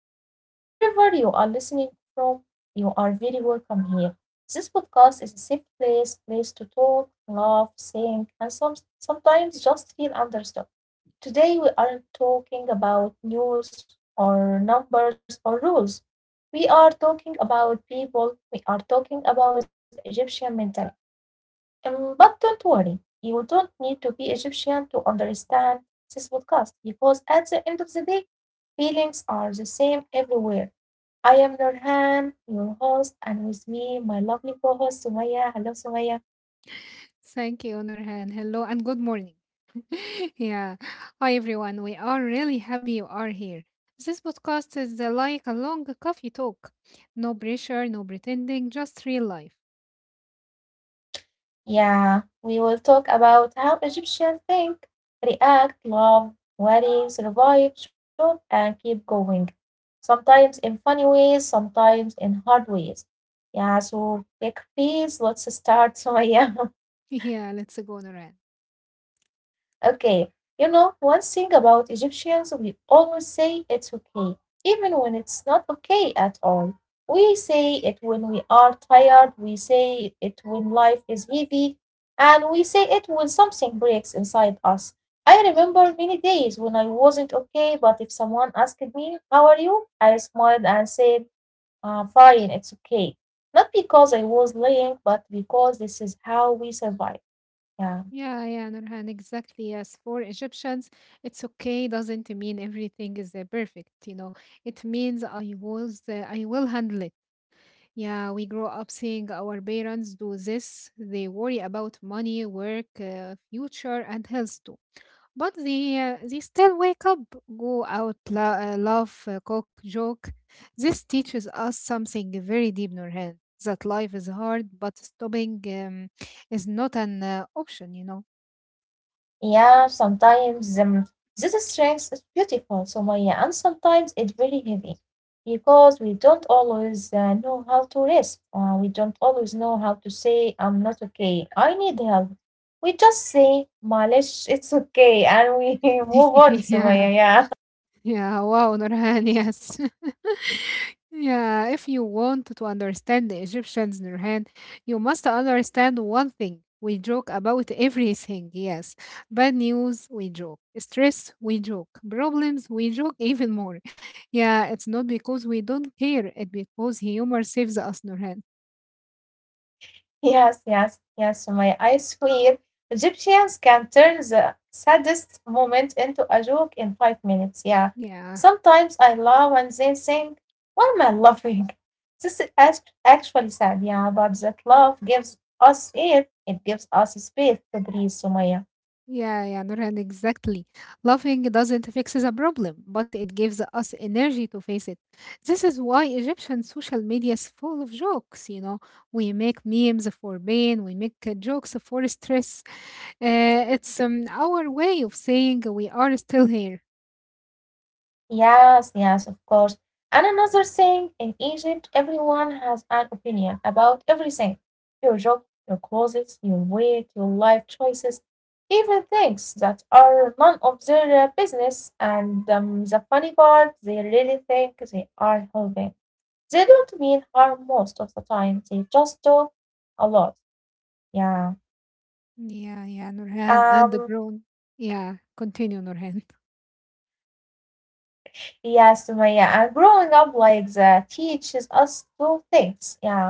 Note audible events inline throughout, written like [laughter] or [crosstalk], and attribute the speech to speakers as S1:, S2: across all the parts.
S1: welcome. Wherever you are listening from, you are very welcome here. This podcast is a safe place to talk, laugh, think, and sometimes just feel understood. Today, we aren't talking about news or numbers or rules. We are talking about people. We are talking about the Egyptian mentality. But don't worry, you don't need to be Egyptian to understand this podcast because at the end of the day, feelings are the same everywhere. I am Nurhan, your host, and with me, my lovely co host Sumaya. Hello, Sumaya.
S2: Thank you, Nurhan. Hello and good morning. [laughs] Yeah. Hi, everyone. We are really happy you are here. This podcast is like a long coffee talk. No pressure, no pretending, just real life.
S1: Yeah, we will talk about how Egyptians think, react, love, worry, survive, job, and keep going. Sometimes in funny ways, sometimes in hard ways. Yeah, so take please, let's start, [laughs] Sumaya.
S2: [laughs] Yeah, let's go, Nurhan.
S1: Okay, you know, one thing about Egyptians, we always say it's okay, even when it's not okay at all. We say it when we are tired, we say it when life is heavy, and we say it when something breaks inside us. I remember many days when I wasn't okay, but if someone asked me, how are you? I smiled and said, fine, it's okay. Not because I was lying, but because this is how we survive. Yeah.
S2: Yeah, Nurhan, exactly. Yes, for Egyptians, it's okay. Doesn't mean everything is perfect. You know, it means I will handle it. Yeah, we grow up seeing our parents do this. They worry about money, work, future, and health too. But they still wake up, go out, laugh, cook, joke. This teaches us something very deep, Nurhan, that life is hard, but stopping is not an option, you know.
S1: Yeah, sometimes this strength is beautiful, Sumaya, and sometimes it's very heavy because we don't always know how to rest. We don't always know how to say, I'm not okay, I need help. We just say, Malish, it's okay, and we [laughs] move on,
S2: [laughs] Yeah.
S1: Sumaya, yeah.
S2: Yeah, wow, Nurhan, yes. [laughs] Yeah, if you want to understand the Egyptians, Nurhan, you must understand one thing. We joke about everything, yes. Bad news, we joke. Stress, we joke. Problems, we joke even more. Yeah, it's not because we don't care, it's because humor saves us, Nurhan.
S1: Yes, yes, yes. My I swear, Egyptians can turn the saddest moment into a joke in 5 minutes. Yeah.
S2: Yeah.
S1: Sometimes I laugh and then think, why am I laughing? This is actually sad. Yeah, but that laugh gives us air. It gives us space to breathe, Sumaya.
S2: Yeah, Nurhan, exactly. Laughing doesn't fix the problem, but it gives us energy to face it. This is why Egyptian social media is full of jokes, you know. We make memes for pain, we make jokes for stress. It's our way of saying we are still here.
S1: Yes, yes, of course. And another thing, in Egypt, everyone has an opinion about everything. Your job, your clothes, your weight, your life choices, even things that are none of their business. And the funny part, they really think they are helping. They don't mean harm most of the time. They just talk a lot. Yeah.
S2: Yeah, Nurhan, and the
S1: Um.
S2: grown. Yeah, continue, Nurhan.
S1: Yes, Maya. And growing up like that teaches us two things. Yeah,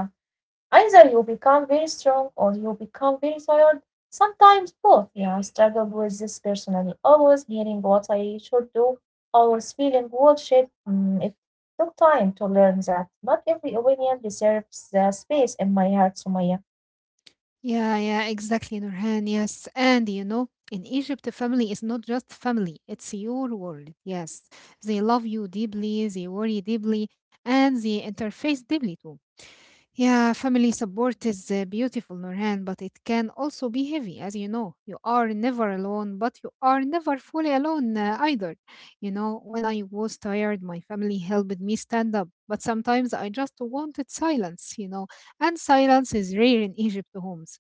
S1: either you become very strong or you become very tired, sometimes both. Yeah, I struggled with this personally, always hearing what I should do, always feeling bullshit. It took time to learn that not every opinion deserves the space in my heart, Sumaya.
S2: Yeah, exactly, Nurhan. Yes. And you know, in Egypt, a family is not just family, it's your world. Yes. They love you deeply, they worry deeply, and they interface deeply too. Yeah, family support is beautiful, Nurhan, but it can also be heavy, as you know. You are never alone, but you are never fully alone either. You know, when I was tired, my family helped me stand up, but sometimes I just wanted silence, you know, and silence is rare in Egypt homes.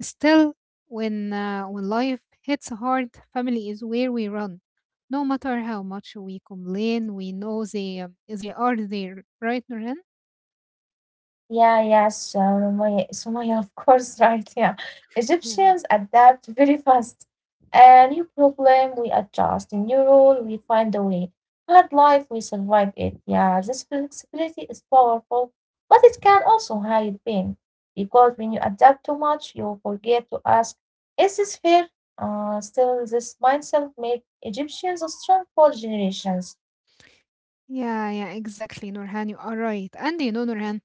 S2: Still, when life hits hard, family is where we run. No matter how much we complain, we know they are there, right, Nurhan?
S1: Yeah, yes, Sumaya, of course, [laughs] right. Yeah.
S2: Yeah.
S1: Egyptians adapt very fast. A new problem, we adjust. A new rule, we find a way. Hard life, we survive it. Yeah, this flexibility is powerful, but it can also hide pain. Because when you adapt too much, you forget to ask, is this fair? Still, this mindset made Egyptians strong for generations.
S2: Yeah, exactly, Nurhan. You are right. And you know, Nurhan,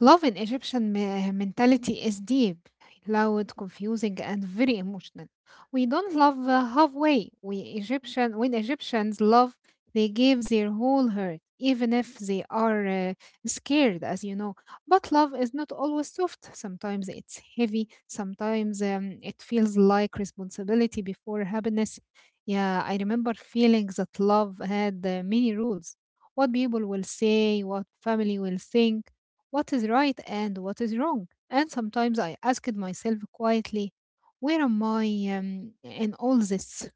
S2: love in mentality is deep, loud, confusing, and very emotional. We don't love halfway. When Egyptians love, they give their whole heart, even if they are scared, as you know. But love is not always soft. Sometimes it's heavy. Sometimes it feels like responsibility before happiness. Yeah, I remember feeling that love had many rules. What people will say, what family will think, what is right and what is wrong. And sometimes I asked myself quietly, where am I in all this?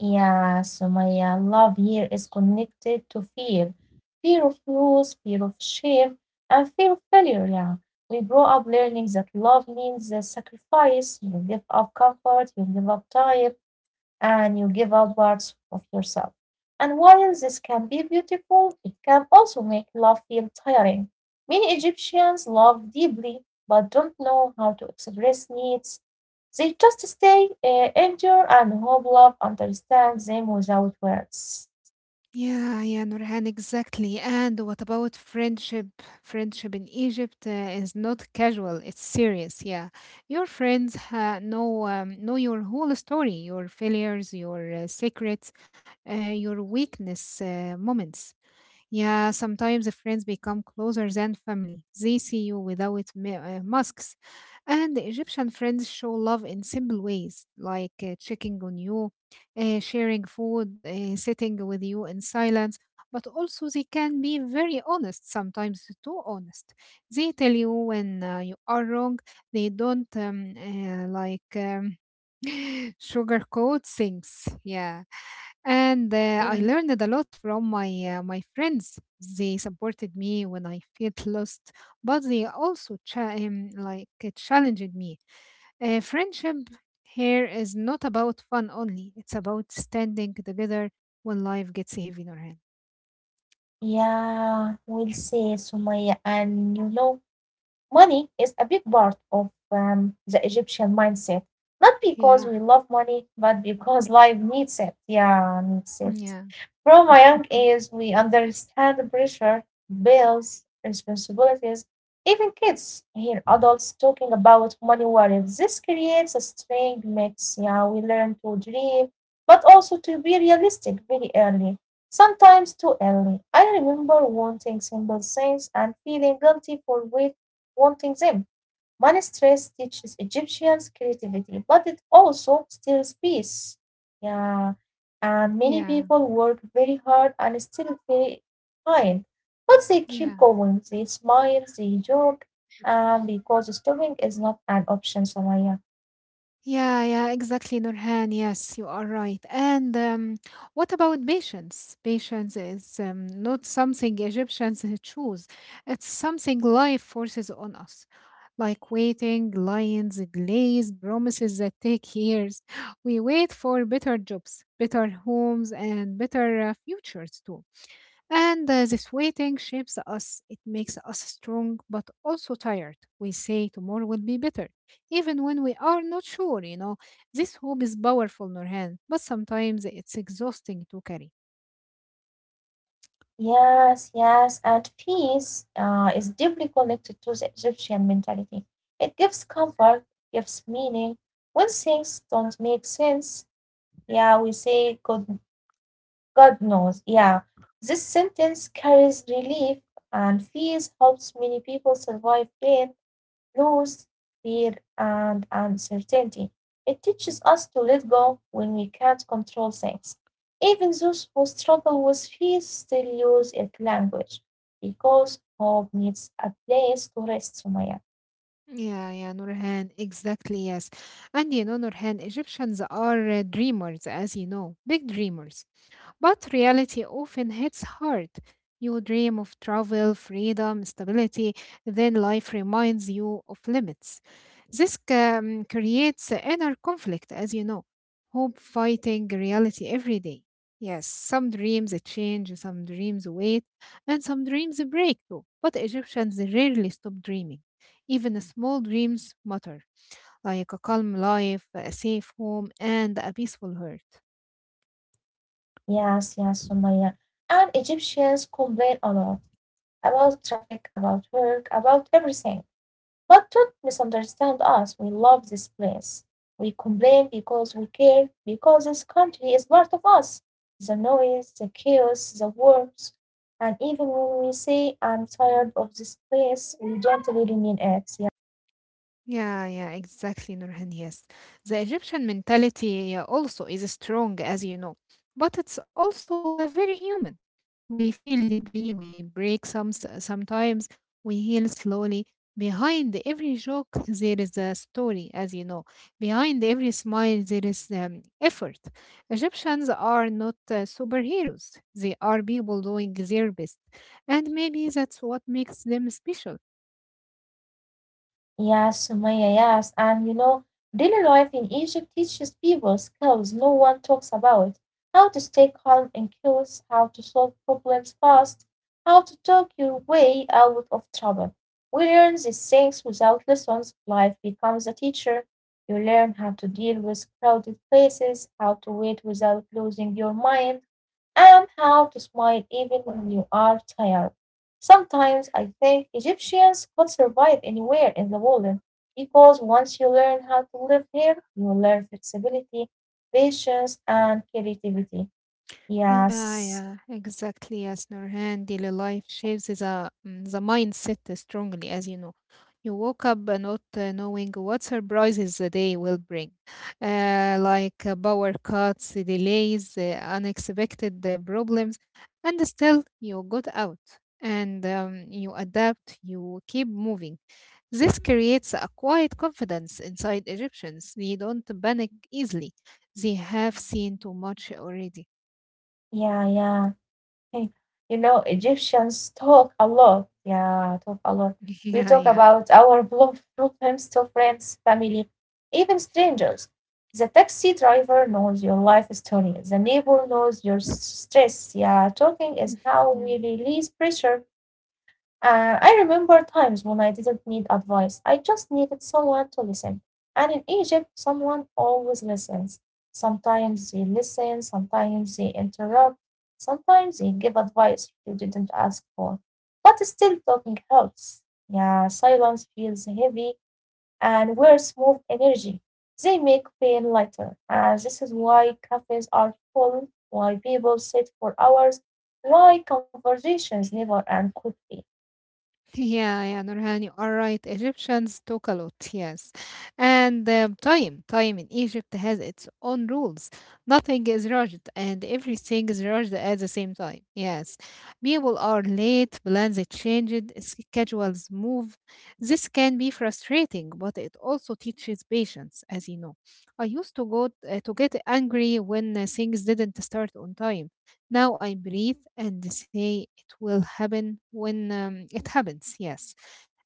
S1: Yeah, so my love here is connected to fear, fear of loss, fear of shame, and fear of failure. Yeah, we grow up learning that love means sacrifice. You give up comfort, you give up time, and you give up parts of yourself. And while this can be beautiful, it can also make love feel tiring. Many Egyptians love deeply but don't know how to express needs, they just stay, endure, and hope love understands them without words.
S2: Yeah, Nurhan, exactly. And what about friendship? Friendship in Egypt is not casual, it's serious. Yeah. Your friends know your whole story, your failures, your secrets, uh, your weakness moments. Yeah, sometimes the friends become closer than family. They see you without masks. And the Egyptian friends show love in simple ways, like checking on you, sharing food, sitting with you in silence. But also, they can be very honest, sometimes too honest. They tell you when you are wrong. They don't [laughs] sugarcoat things. Yeah. And I
S1: Mhm.
S2: learned a lot from my friends. They supported me when I felt lost, but they also challenged me. Friendship here is not about fun only. It's about standing together when life gets heavy in our hand.
S1: Yeah, we'll say, Sumaya. And you know, money is a big part of the Egyptian mindset, not because
S2: Yeah,
S1: we love money, but because life needs it. Yeah, needs it.
S2: yeah,
S1: From a young age, we understand the pressure, bills, responsibilities. Even kids hear adults talking about money worries. This creates a strange mix. Yeah, we learn to dream, but also to be realistic very early, sometimes too early. I remember wanting simple things and feeling guilty for waiting wanting them. Money stress teaches Egyptians creativity, but it also steals peace. Yeah, and many
S2: yeah,
S1: people work very hard and still very kind, but they keep
S2: yeah.
S1: going. They smile, they joke, because stopping is not an option, Somaya.
S2: Yeah, exactly, Nurhan. Yes, you are right. And what about patience? Patience is not something Egyptians [laughs] choose, it's something life forces on us. Like waiting, lions, delays, promises that take years. [laughs] We wait for better jobs, better homes, and better futures too. And this waiting shapes us. It makes us strong, but also tired. We say tomorrow will be better, even when we are not sure, you know. This hope is powerful, Nurhan, but sometimes it's exhausting to carry.
S1: Yes, yes, and peace is deeply connected to the Egyptian mentality. It gives comfort, gives meaning. When things don't make sense, yeah, we say God, God knows. Yeah. This sentence carries relief and fears, helps many people survive pain, loss, fear, and uncertainty. It teaches us to let go when we can't control things. Even those who struggle with fear still use it language because hope needs a place to rest, Sumaya.
S2: Yeah, Nurhan, exactly, yes. And you know, Nurhan, Egyptians are dreamers, as you know, big dreamers. But reality often hits hard. You dream of travel, freedom, stability, then life reminds you of limits. This creates inner conflict, as you know, hope fighting reality every day. Yes, some dreams change, some dreams wait, and some dreams break too. But Egyptians rarely stop dreaming. Even small dreams matter, like a calm life, a safe home, and a peaceful heart.
S1: Yes, yes, Sumaya. And Egyptians complain a lot about traffic, about work, about everything. But don't misunderstand us. We love this place. We complain because we care, because this country is part of us. The noise, the chaos, the wars. And even when we say, I'm tired of this place, we don't really mean it. Yeah.
S2: Yeah, exactly, Nurhan. Yes. The Egyptian mentality also is strong, as you know, but it's also very human. We feel deeply, we break sometimes, we heal slowly. Behind every joke, there is a story, as you know. Behind every smile, there is effort. Egyptians are not superheroes, they are people doing their best. And maybe that's what makes them special.
S1: Yeah, Sumaya, yes. And you know, daily life in Egypt teaches people skills no one talks about. How to stay calm and curious, how to solve problems fast, how to talk your way out of trouble. We learn these things without lessons. Life becomes a teacher. You learn how to deal with crowded places, how to wait without losing your mind, and how to smile even when you are tired. Sometimes I think Egyptians could survive anywhere in the world because once you learn how to live here, you learn flexibility, patience, and creativity.
S2: Yeah,
S1: Yes,
S2: yeah, exactly. Yes, Nurhan, daily life shapes the mindset strongly, as you know. You woke up not knowing what surprises the day will bring, like power cuts, delays, unexpected problems, and still you got out and you adapt, you keep moving. This creates a quiet confidence inside Egyptians. They don't panic easily, they have seen too much already.
S1: yeah, yeah. Hey, you know, Egyptians talk a lot. Yeah, talk a lot.
S2: [laughs]
S1: We
S2: yeah,
S1: talk
S2: yeah.
S1: about our problems to friends, family, even strangers. The taxi driver knows your life story. The neighbor knows your stress. Yeah, talking is how we
S2: Mhm.
S1: release pressure. I remember times when I didn't need advice, I just needed someone to listen. And in Egypt, someone always listens. Sometimes they listen, sometimes they interrupt, sometimes they give advice you didn't ask for. But still, talking helps. Yeah, silence feels heavy, and words move energy. They make pain lighter. And this is why cafes are full, why people sit for hours, why conversations never end quickly.
S2: Yeah, Nurhan, you are right. Egyptians talk a lot, yes. And time in Egypt has its own rules. Nothing is rushed, and everything is rushed at the same time. Yes, people are late, plans are changed, schedules move. This can be frustrating, but it also teaches patience, as you know. I used to go to get angry when things didn't start on time. Now I breathe and say it will happen when it happens, yes.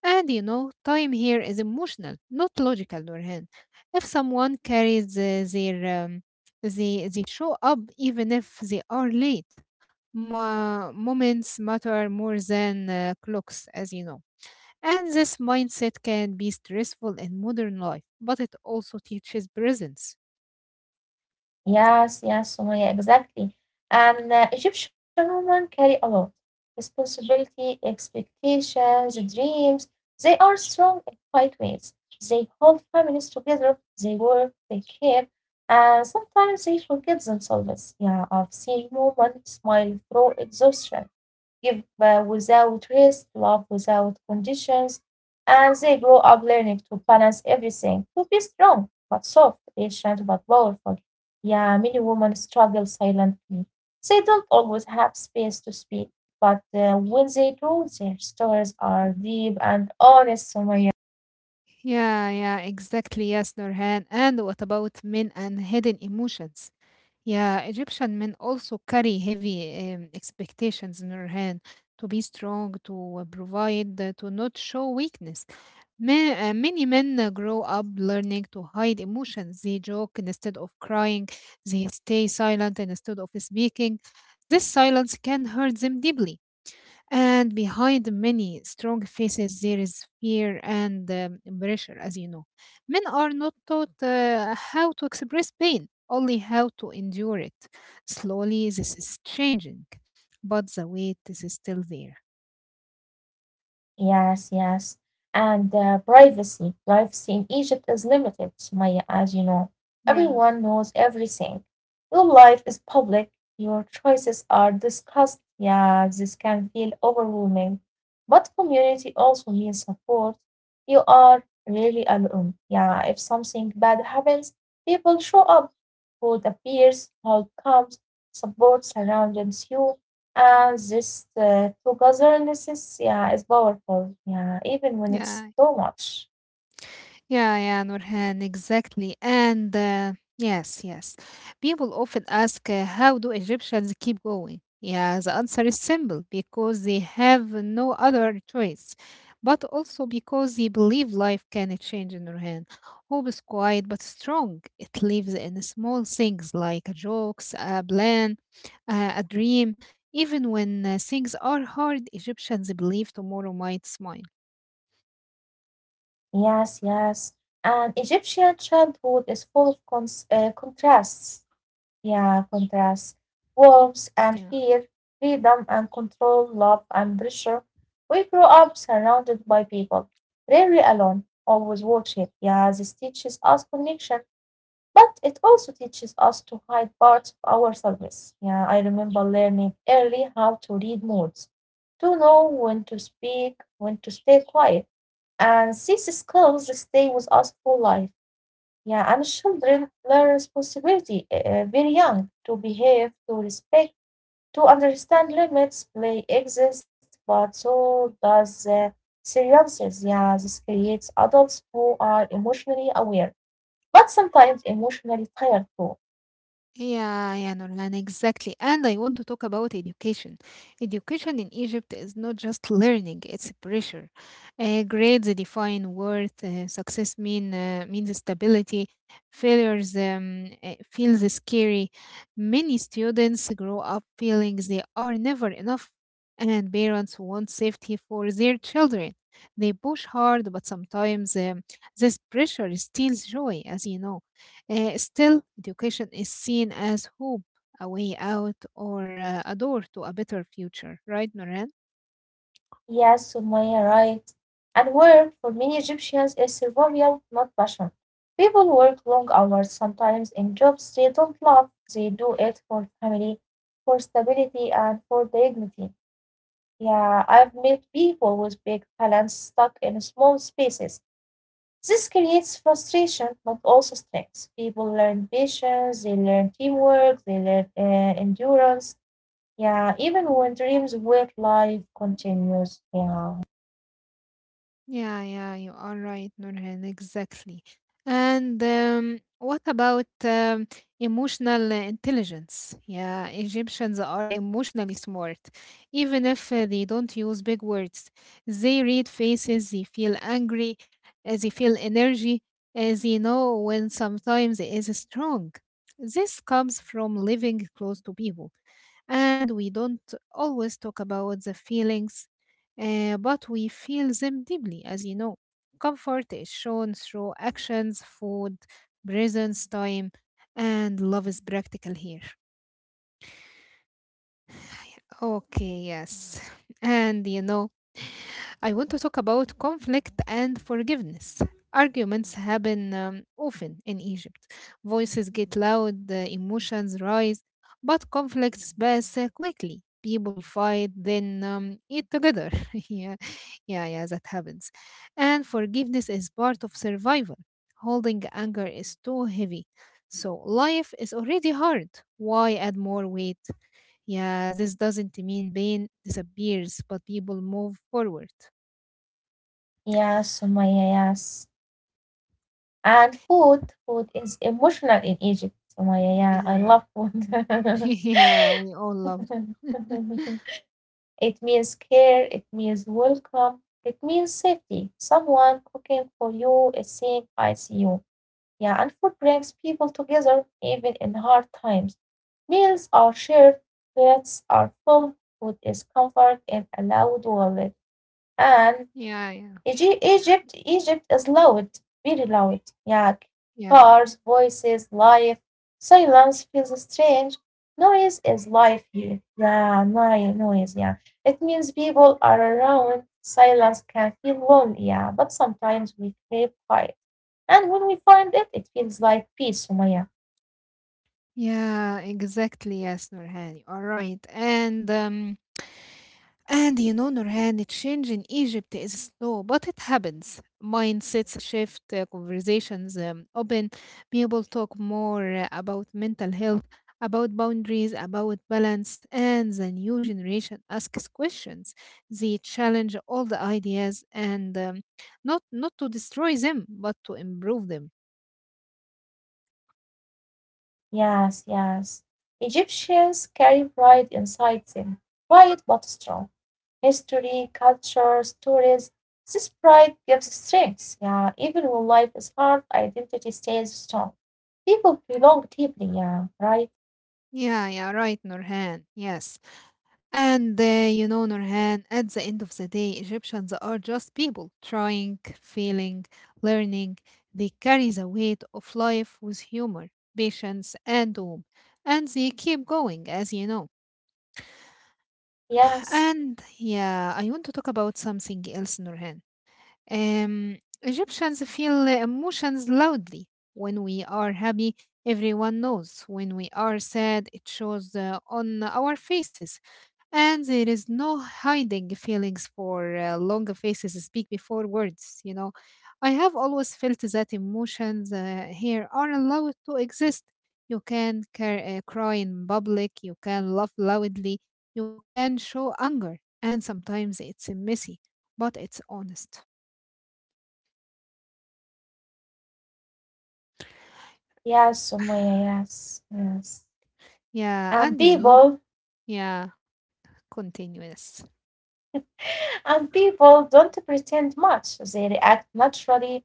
S2: And you know, time here is emotional, not logical, Nurhan. If someone carries, they show up even if they are late. Moments matter more than clocks, as you know. And this mindset can be stressful in modern life, but it also teaches presence.
S1: Yes, yes, Sumaya, exactly. And Egyptian women carry a lot. Responsibility, expectations, dreams. They are strong in quiet ways. They hold families together. They work, they care, and sometimes they forget themselves. Yeah, I've seen women smile through exhaustion, give without rest, love without conditions, and they grow up learning to balance everything, to be strong but soft, patient but powerful. Yeah, many women struggle silently. They don't always have space to speak, but when they do, their stories are deep and honest, Sumaya.
S2: Yeah, exactly. Yes, Nurhan. And what about men and hidden emotions? Yeah, Egyptian men also carry heavy expectations, Nurhan, to be strong, to provide, to not show weakness. Many men grow up learning to hide emotions. They joke instead of crying. They stay silent instead of speaking. This silence can hurt them deeply. And behind many strong faces, there is fear and pressure, as you know. Men are not taught how to express pain, only how to endure it. Slowly, this is changing, but the weight is still there.
S1: Yes, yes. And privacy. Privacy in Egypt is limited, Sumaya, as you know.
S2: Yeah,
S1: Everyone knows everything. Your life is public, your choices are discussed. Yeah, this can feel overwhelming. But community also means support. You are rarely alone. Yeah, if something bad happens, people show up. Food appears, help comes, support surrounds you. And this togetherness, yeah, is powerful, yeah, even when it's
S2: yeah,
S1: too much.
S2: yeah, Nurhan, exactly. And yes, yes. People often ask, how do Egyptians keep going? Yeah, the answer is simple, because they have no other choice, but also because they believe life can change, Nurhan. Hope is quiet but strong. It lives in small things like jokes, a plan, a dream. Even when things are hard, Egyptians believe tomorrow might smile.
S1: Yes, yes. And Egyptian childhood is full of contrasts. Yeah, contrasts. Warmth and
S2: Yeah.
S1: fear, freedom and control, love and pressure. We grow up surrounded by people, rarely alone, always watching. Yeah, this teaches us connection. But it also teaches us to hide parts of ourselves. Yeah, I remember learning early how to read moods, to know when to speak, when to stay quiet. And these skills stay with us for life. Yeah, and children learn responsibility very young, to behave, to respect, to understand limits. Play exists, but so does seriousness. Yeah, this creates adults who are emotionally aware, but sometimes emotionally tired too.
S2: Yeah, Norman, exactly. And I want to talk about education. Education in Egypt is not just learning, it's pressure. Grades define worth, success means stability, failures feels scary. Many students grow up feeling they are never enough, and parents want safety for their children. They push hard, but sometimes this pressure steals joy, as you know. Still, education is seen as hope, a way out, or a door to a better future, right, Noran?
S1: Yes, Sumaya, right. And work for many Egyptians is survival, not passion. People work long hours, sometimes in jobs they don't love. They do it for family, for stability, and for dignity. Yeah, I've met people with big talents stuck in small spaces. This creates frustration, but also strength. People learn patience, they learn teamwork, they learn endurance. Yeah, even when dreams wait, life continues. Yeah.
S2: Yeah, you are right, Nurhan, exactly. And what about emotional intelligence? Yeah, Egyptians are emotionally smart. Even if they don't use big words, they read faces, they feel angry, they feel energy, they know when sometimes it is strong. This comes from living close to people. And we don't always talk about the feelings, but we feel them deeply, as you know. Comfort is shown through actions, food, presence, time, and love is practical here. Okay, yes. [laughs] And you know, I want to talk about conflict and forgiveness. Arguments happen often in Egypt. Voices get loud, the emotions rise, but conflicts pass quickly. People fight, then eat together. [laughs] yeah, yeah, that happens. And forgiveness is part of survival. Holding anger is too heavy. So life is already hard. Why add more weight? Yeah, this doesn't mean pain disappears, but people move forward.
S1: Yeah, Sumaya, yes. And food, food is emotional in Egypt. Sumaya, yeah, I
S2: Yeah.
S1: love food.
S2: [laughs]
S1: [laughs]
S2: Yeah, we all loved. [laughs]
S1: It means care, it means welcome, it means safety. Someone cooking for you is saying, I see you. Yeah, and food brings people together even in hard times. Meals are shared, plates are full, food is comfort in a loud wallet. And
S2: Yeah, yeah,
S1: Egypt is loud, very loud. Yeah.
S2: yeah.
S1: Cars, voices, life. Silence feels strange. Noise is life here. Yeah, noise, noise, yeah. It means people are around. Silence can feel lonely, yeah. But sometimes we crave quiet. And when we find it, it feels like peace, Sumaya.
S2: Yeah, exactly. Yes, Nurhan, you are right. And you know, Nurhan, the change in Egypt is slow, but it happens. Mindsets shift, conversations open, people talk more about mental health, about boundaries, about balance, and the new generation asks questions. They challenge all the ideas and not to destroy them, but to improve them.
S1: Yes, yes. Egyptians carry pride inside them, quiet but strong. History, culture, stories. This pride gives strength. Yeah, even when life is hard, identity stays strong. People belong deeply. Yeah, right.
S2: Yeah, yeah, right, Nurhan. Yes. And Nurhan, at the end of the day, Egyptians are just people trying, failing, learning. They carry the weight of life with humor, patience, and hope. And they keep going, as you know.
S1: Yes,
S2: And yeah, I want to talk about something else, Nurhan. Egyptians feel emotions loudly. When we are happy, everyone knows. When we are sad, it shows on our faces. And there is no hiding feelings, for long faces speak before words. I have always felt that emotions here are allowed to exist. You can cry in public, you can laugh loudly, you can show anger, and sometimes it's messy, but it's honest.
S1: yes, Sumaya. Yes, yes.
S2: Yeah,
S1: And
S2: and you know,
S1: people
S2: yeah, continuous.
S1: And people don't pretend much, they react naturally,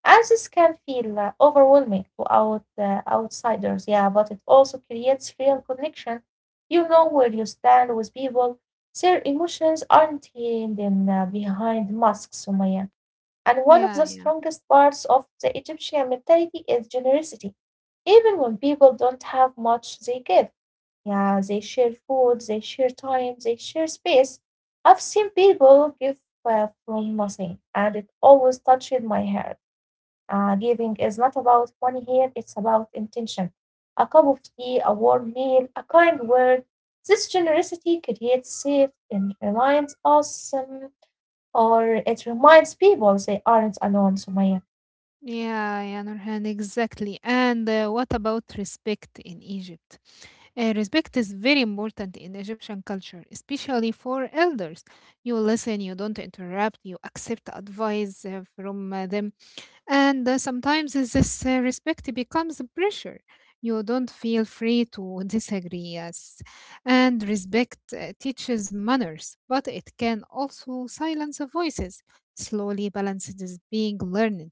S1: and this can feel overwhelming to outsiders, yeah, but it also creates real connection. You know where you stand with people; their emotions aren't hidden behind masks, Sumaya. And one of the
S2: Yeah, yeah.
S1: strongest parts of the Egyptian mentality is generosity. Even when people don't have much, they give. Yeah, they share food, they share time, they share space. I've seen people give from nothing, and it always touches my heart. Giving is not about money here, it's about intention. A cup of tea, a warm meal, a kind word. This generosity creates safe and reminds or it reminds people they aren't alone, Sumaya.
S2: Yeah, yeah, Nurhan, exactly. And what about respect in Egypt? Respect is very important in Egyptian culture, especially for elders. You listen, you don't interrupt, you accept advice from them. And sometimes this respect becomes a pressure. You don't feel free to [laughs] disagree, yes. And respect teaches manners, but it can also silence voices. Slowly, balance is being learned.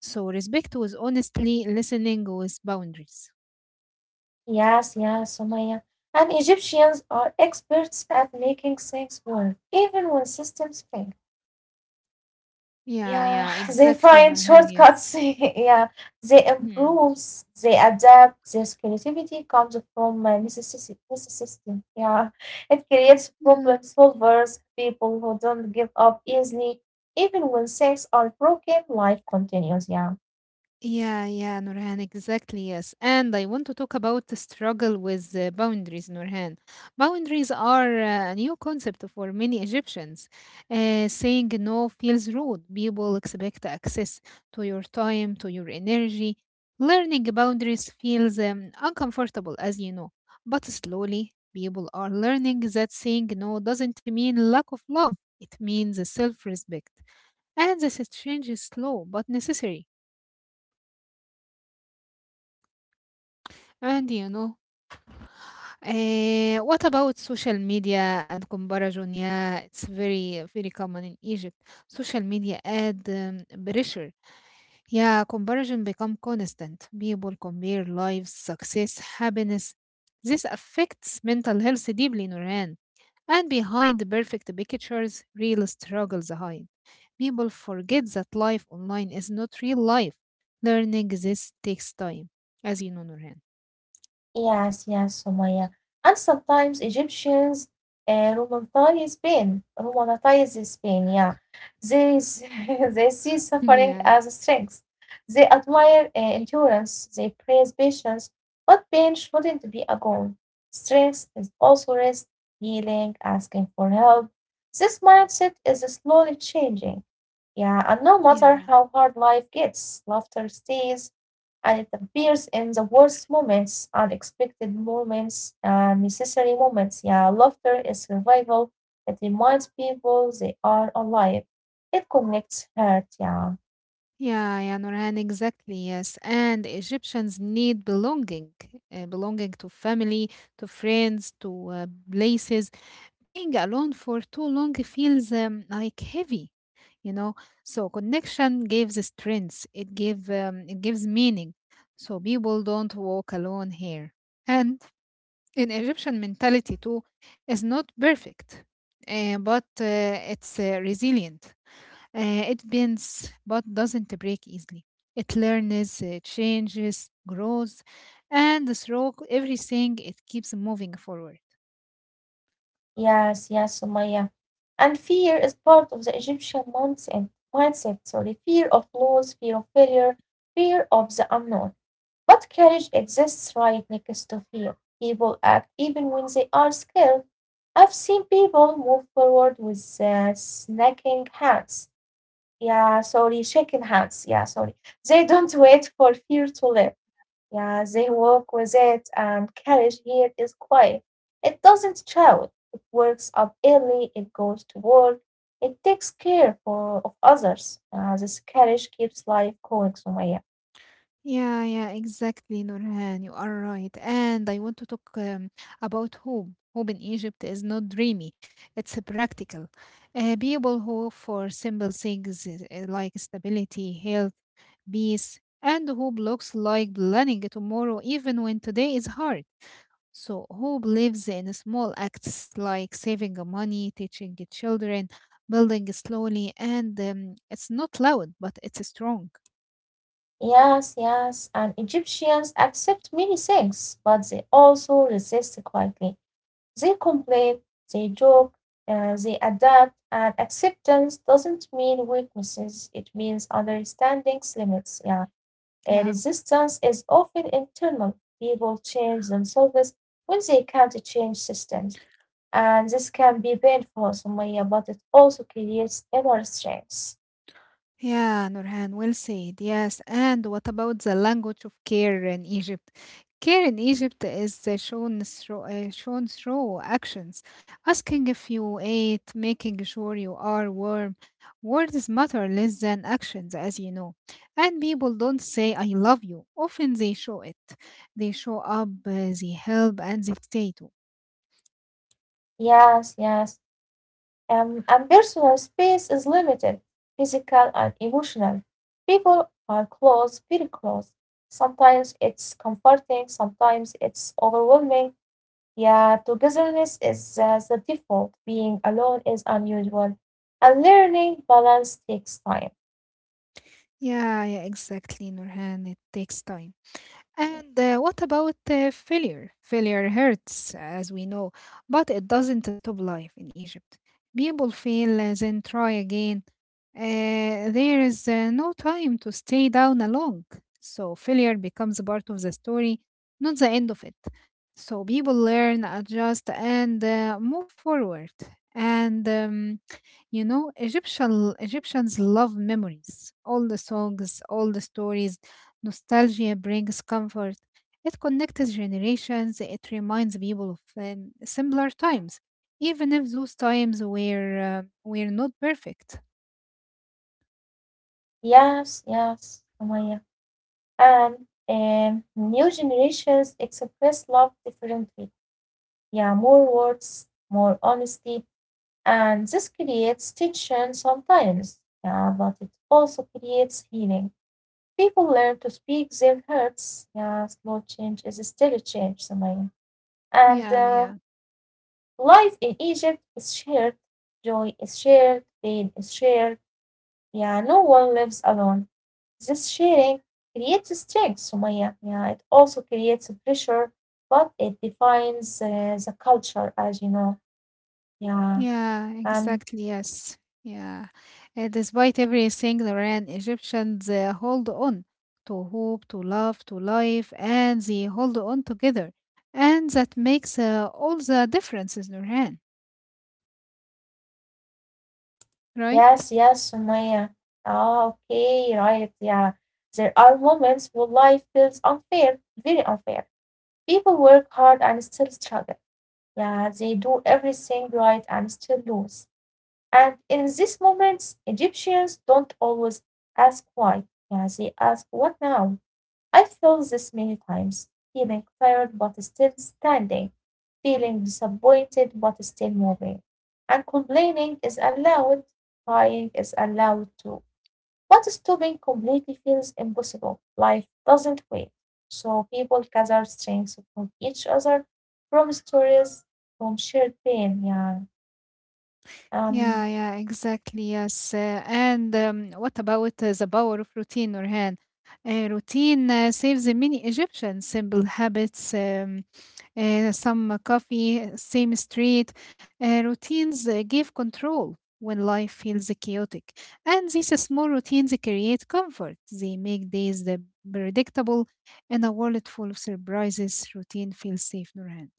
S2: So, respect was honestly listening with boundaries.
S1: Yes, yes, Sumaya. And Egyptians are experts at making things work, even when systems fail.
S2: Yeah,
S1: Yeah,
S2: yeah,
S1: [laughs] they
S2: exactly,
S1: find
S2: Nurhan, yes.
S1: shortcuts. [laughs] Yeah, they
S2: Mhm.
S1: improves, they adapt. Their creativity comes from necessity. Yeah, it creates
S2: Yeah.
S1: problem solvers, people who don't give up easily, even when things are broken. Life continues. Yeah.
S2: Yeah, yeah, Nurhan, exactly, yes. And I want to talk about the struggle with boundaries, Nurhan. Boundaries are a new concept for many Egyptians. Saying no feels rude. People expect access to your time, to your energy. Learning boundaries feels uncomfortable, as you know. But slowly, people are learning that saying no doesn't mean lack of love. It means self respect. And this is change is slow but necessary. And you know, what about social media and comparison? Yeah, it's very, very common in Egypt. Social media add pressure. Yeah, comparison become constant. People compare lives, success, happiness. This affects mental health deeply, Noran. And behind the perfect pictures, real struggles hide. People forget that life online is not real life. Learning this takes time, as you know, Nurhan.
S1: Yes, yes, Sumaya. And sometimes Egyptians romanticize this pain, yeah. They, s- [laughs] they see
S2: [laughs]
S1: suffering as
S2: Yeah.
S1: a strength. They admire endurance, they praise patience, but pain shouldn't be a goal. Strength is also rest, healing, asking for help. This mindset is slowly changing. Yeah, and no matter
S2: Yeah.
S1: how hard life gets, laughter stays, and it appears in the worst moments, unexpected moments, necessary moments. Yeah, laughter is survival. It reminds people they are alive. It connects hurt. Yeah,
S2: Yeah, yeah, Nurhan, exactly, yes. And Egyptians need belonging, belonging to family, to friends, to places. Being alone for too long feels like heavy, you know. So connection gives strength. It gives meaning. So people don't walk alone here. And in Egyptian mentality too, is not perfect, but it's resilient. It bends but doesn't break easily. It learns, changes, grows, and through everything, it keeps moving forward.
S1: yes, yes, Sumaya. And fear is part of the Egyptian mindset. Fear of loss, fear of failure, fear of the unknown. But courage exists right next to fear. People act even when they are scared. I've seen people move forward with snaking hands. Yeah, sorry, shaking hands. Yeah, sorry. They don't wait for fear to live. Yeah, they walk with it, and courage here is quiet. It doesn't shout. It works up early. It goes to work. It takes care of others. This courage keeps life going, Sumaya.
S2: Yeah, yeah, exactly, Nurhan. You are right. And I want to talk about hope. Hope in Egypt is not dreamy, it's a practical. People hope for simple things like stability, health, peace, and hope looks like planning tomorrow, even when today is hard. So, who believes in small acts like saving money, teaching children, building slowly, and it's not loud, but it's strong.
S1: Yes, yes, and Egyptians accept many things, but they also resist quietly. They complain, they joke, they adapt, and acceptance doesn't mean weaknesses, it means understanding's limits. Yeah.
S2: Yeah,
S1: Resistance is often internal. People change themselves when they can't change systems, and this can be painful, Sumaya, but it also creates inner strength.
S2: Yeah, Nurhan, well said. Yes, and what about the language of care in Egypt? Care in Egypt is shown through actions, asking if you ate, making sure you are warm. Words matter less than actions, as you know. And people don't say, I love you. Often they show it. They show up, they help, and they stay too.
S1: Yes, yes. And personal space is limited, physical and emotional. People are close, very close. Sometimes it's comforting, sometimes it's overwhelming. Yeah, togetherness is the default. Being alone is unusual. And learning balance takes time.
S2: Yeah, yeah, exactly, Nurhan. It takes time. And what about failure? Failure hurts, as we know, but it doesn't stop life in Egypt. People fail, then try again. There is no time to stay down along. So failure becomes a part of the story, not the end of it. So people learn, adjust, and move forward. And you know, Egyptians love memories, all the songs, all the stories. Nostalgia brings comfort. It connects generations. It reminds people of simpler times, even if those times were not perfect.
S1: Yes, yes, Amaya. And new generations express love differently. Yeah, more words, more honesty, and this creates tension sometimes, yeah, but it also creates healing. People learn to speak their hurts. Yeah, small change is still a change, Samaya. And
S2: Yeah,
S1: uh,
S2: yeah,
S1: life in Egypt is shared. Joy is shared. Pain is shared. Yeah, no one lives alone. This sharing creates strength, Sumaya. Yeah, it also creates a pressure, but it defines the culture, as you know. Yeah,
S2: yeah.
S1: and
S2: Exactly. Yes. Yeah. Despite everything, Lorraine, Egyptians hold on to hope, to love, to life, and they hold on together, and that makes all the differences, Lorraine. Right?
S1: Yes, yes, Sumaya. Ah, okay, right, yeah. There are moments when life feels unfair, very unfair. People work hard and still struggle. Yeah, they do everything right and still lose. And in these moments, Egyptians don't always ask why. Yeah, they ask, what now? I feel this many times, feeling tired but still standing, feeling disappointed but still moving. And complaining is allowed, crying is allowed too. But stopping completely feels impossible. Life doesn't wait. So people gather strength from each other, from stories, from shared pain. Yeah.
S2: Yeah,
S1: Um,
S2: yeah, exactly. Yes. And what about the power of routine, Nurhan? Routine saves many Egyptians. Simple habits, some coffee, same street. Routines give control when life feels chaotic. And these small routines create comfort. They make days predictable in a world full of surprises, routine feels safe, Nurhan.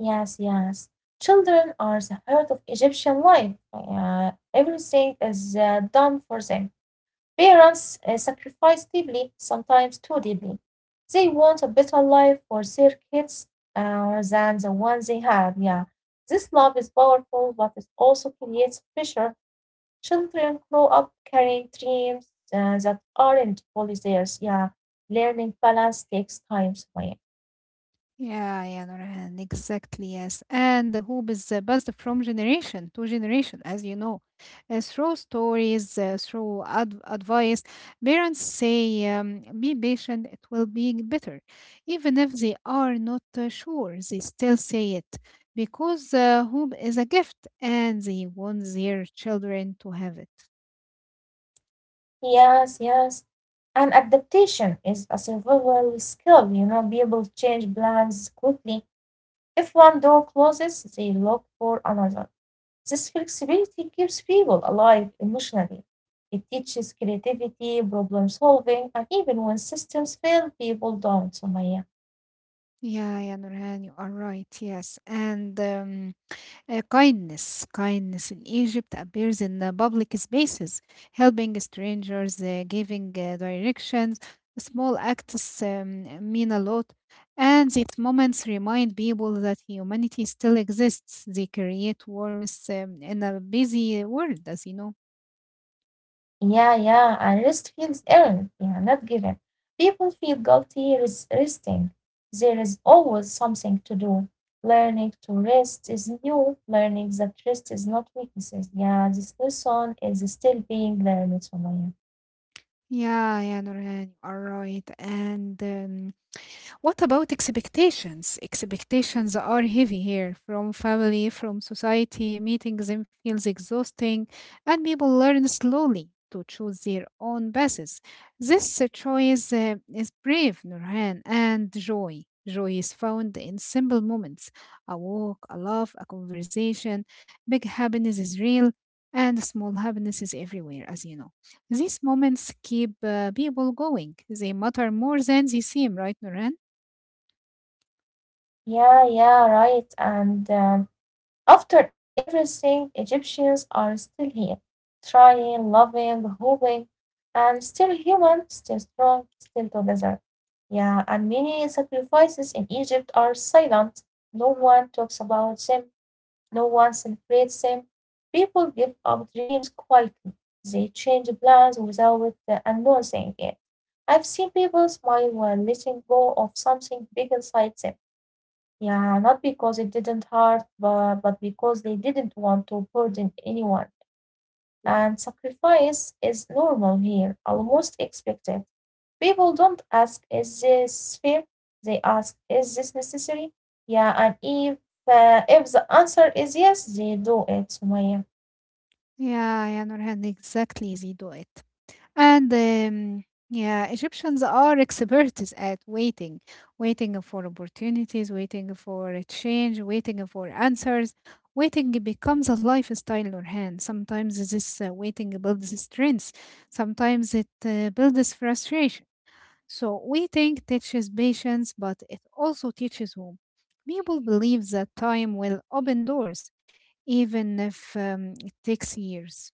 S1: yes, yes. Children are the heart of Egyptian life. Yeah. Everything is done for them. Parents sacrifice deeply, sometimes too deeply. They want a better life for their kids than the one they have. Yeah, this love is powerful, but it also creates pressure. Children grow up carrying dreams that aren't fully theirs. Yeah, learning balance takes time, Sumaya.
S2: Yeah, yeah, Nurhan, exactly, yes. And the hope is passed from generation to generation, as you know. Through stories, through advice. Parents say, be patient, it will be better. Even if they are not sure, they still say it because hope is a gift and they want their children to have it.
S1: Yes, yes. And adaptation is a survival skill. You know, people change plans quickly. If one door closes, they look for another. This flexibility keeps people alive emotionally. It teaches creativity, problem solving, and even when systems fail, people don't, Sumaya.
S2: Yeah, yeah, Nurhan, you are right. Yes. And kindness. Kindness in Egypt appears in public spaces, helping strangers, giving directions. Small acts mean a lot. And these moments remind people that humanity still exists. They create warmth in a busy world, as you know.
S1: Yeah, yeah, yeah, and rest feels earned, yeah, not given. People feel guilty resting. There is always something to do. Learning to rest is new. Learning that rest is not weaknesses. Yeah, this lesson is still being learned, Sumaya.
S2: Yeah, yeah, Nurhan, you are right. And what about expectations? Expectations are heavy here, from family, from society. Meeting them feels exhausting, and people learn slowly to choose their own paths. This choice is brave, Nurhan, and joy. Joy is found in simple moments, a walk, a laugh, a conversation. Big happiness is real, and small happiness is everywhere, as you know. These moments keep people going. They matter more than they seem, right, Nuran?
S1: Yeah, yeah, right. And after everything, Egyptians are still here, trying, loving, hoping, and still human, still strong, still together. Yeah, and many sacrifices in Egypt are silent. No one talks about them, no one celebrates them. People give up dreams quietly. They change plans without announcing it. I've seen people smile while letting go of something big inside them. Yeah, not because it didn't hurt, but because they didn't want to burden anyone. And sacrifice is normal here, almost expected. People don't ask, is this fair? They ask, is this necessary? Yeah, and if the answer is yes, they do it, Sumaya.
S2: Yeah, yeah, Nurhan, exactly. They do it. And yeah, Egyptians are experts at waiting, waiting for opportunities, waiting for a change, waiting for answers. Waiting becomes a lifestyle, Nurhan. Sometimes this waiting builds strength, sometimes it builds frustration. So, waiting teaches patience, but it also teaches hope. People believe that time will open doors, even if it takes years.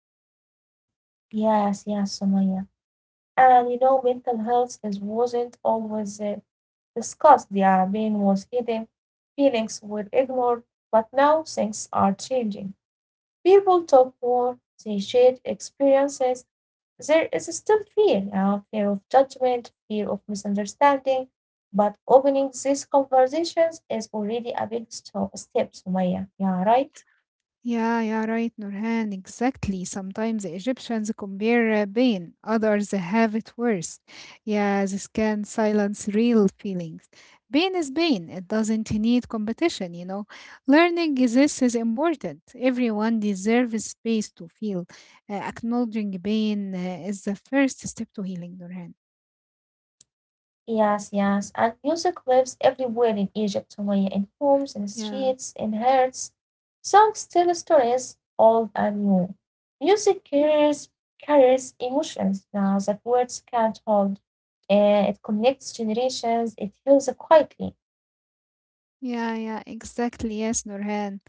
S1: Yes, yes, Sumaya. And you know, mental health is wasn't always discussed. Yeah, pain was hidden, feelings were ignored, but now things are changing. People talk more, they share experiences. There is still fear, fear of judgment, fear of misunderstanding. But opening these conversations is already a big step, Sumaya. Yeah, right?
S2: Yeah, yeah, right, Nurhan. Exactly. Sometimes the Egyptians compare pain, others have it worse. Yeah, this can silence real feelings. Pain is pain, it doesn't need competition, you know. Learning this is important. Everyone deserves space to feel. Acknowledging pain is the first step to healing, Nurhan.
S1: Yes, yes. And music lives everywhere in Egypt, Sumaya, in homes, in
S2: Yeah,
S1: streets, in hearts. Songs tell stories, old and new. Music carries emotions that words can't hold. It connects generations, it heals quietly.
S2: yeah, yeah, exactly. Yes, Nurhan.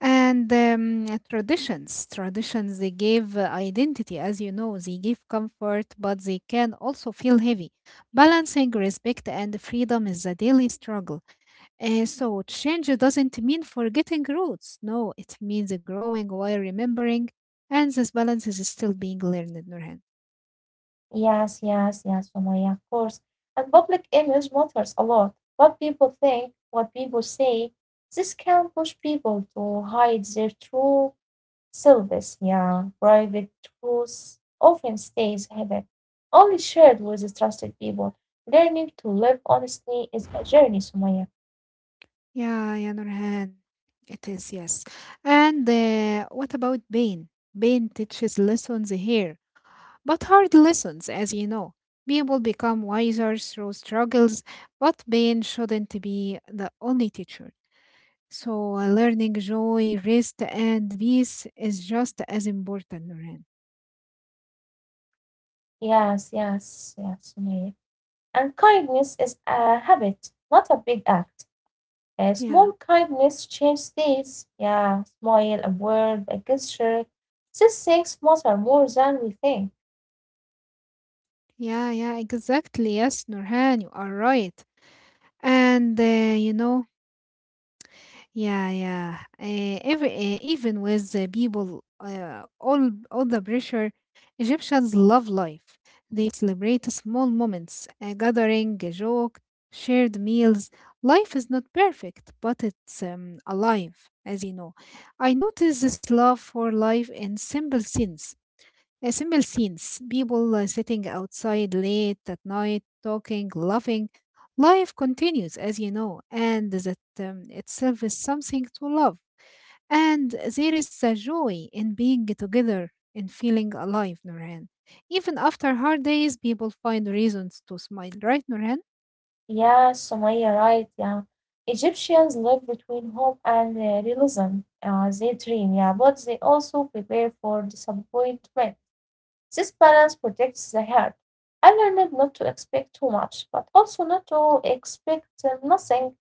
S2: And traditions, they gave identity, as you know, they give comfort, but they can also feel heavy. Balancing respect and freedom is a daily struggle. So, change doesn't mean forgetting roots. No, it means growing while remembering. And this balance is still being learned, Nurhan.
S1: Yes, yes, yes, Sumaya, of course. And public image matters a lot. What people think, what people say, this can push people to hide their true Service, yeah, private tools often stays hidden, only shared with trusted people. Learning to live honestly is a journey, Sumaya.
S2: Yeah, yeah, Nurhan. It is, yes. And what about pain? Pain teaches lessons here, but hard lessons, as you know. People become wiser through struggles, but pain shouldn't be the only teacher. So, learning joy, rest, and peace is just as important, Nurhan.
S1: Yes, yes, yes, Sumaya. And kindness is a habit, not a big act. A small
S2: Yeah,
S1: kindness changes things. Yeah, smile, a word, a gesture. These things matter more than we think.
S2: yeah, yeah, exactly. Yes, Nurhan, you are right. And Yeah, yeah. Even with the people, all the pressure, Egyptians love life. They celebrate small moments, a gathering, a joke, shared meals. Life is not perfect, but it's alive, as you know. I notice this love for life in simple things, simple scenes, people sitting outside late at night, talking, laughing. Life continues, as you know, and that itself is something to love. And there is a joy in being together, in feeling alive, Nurhan. Even after hard days, people find reasons to smile, right, Nurhan?
S1: Yeah, Sumaya, right. Yeah. Egyptians live between hope and realism. They dream, yeah, but they also prepare for disappointment. This balance protects the heart. I learned not to expect too much, but also not to expect nothing.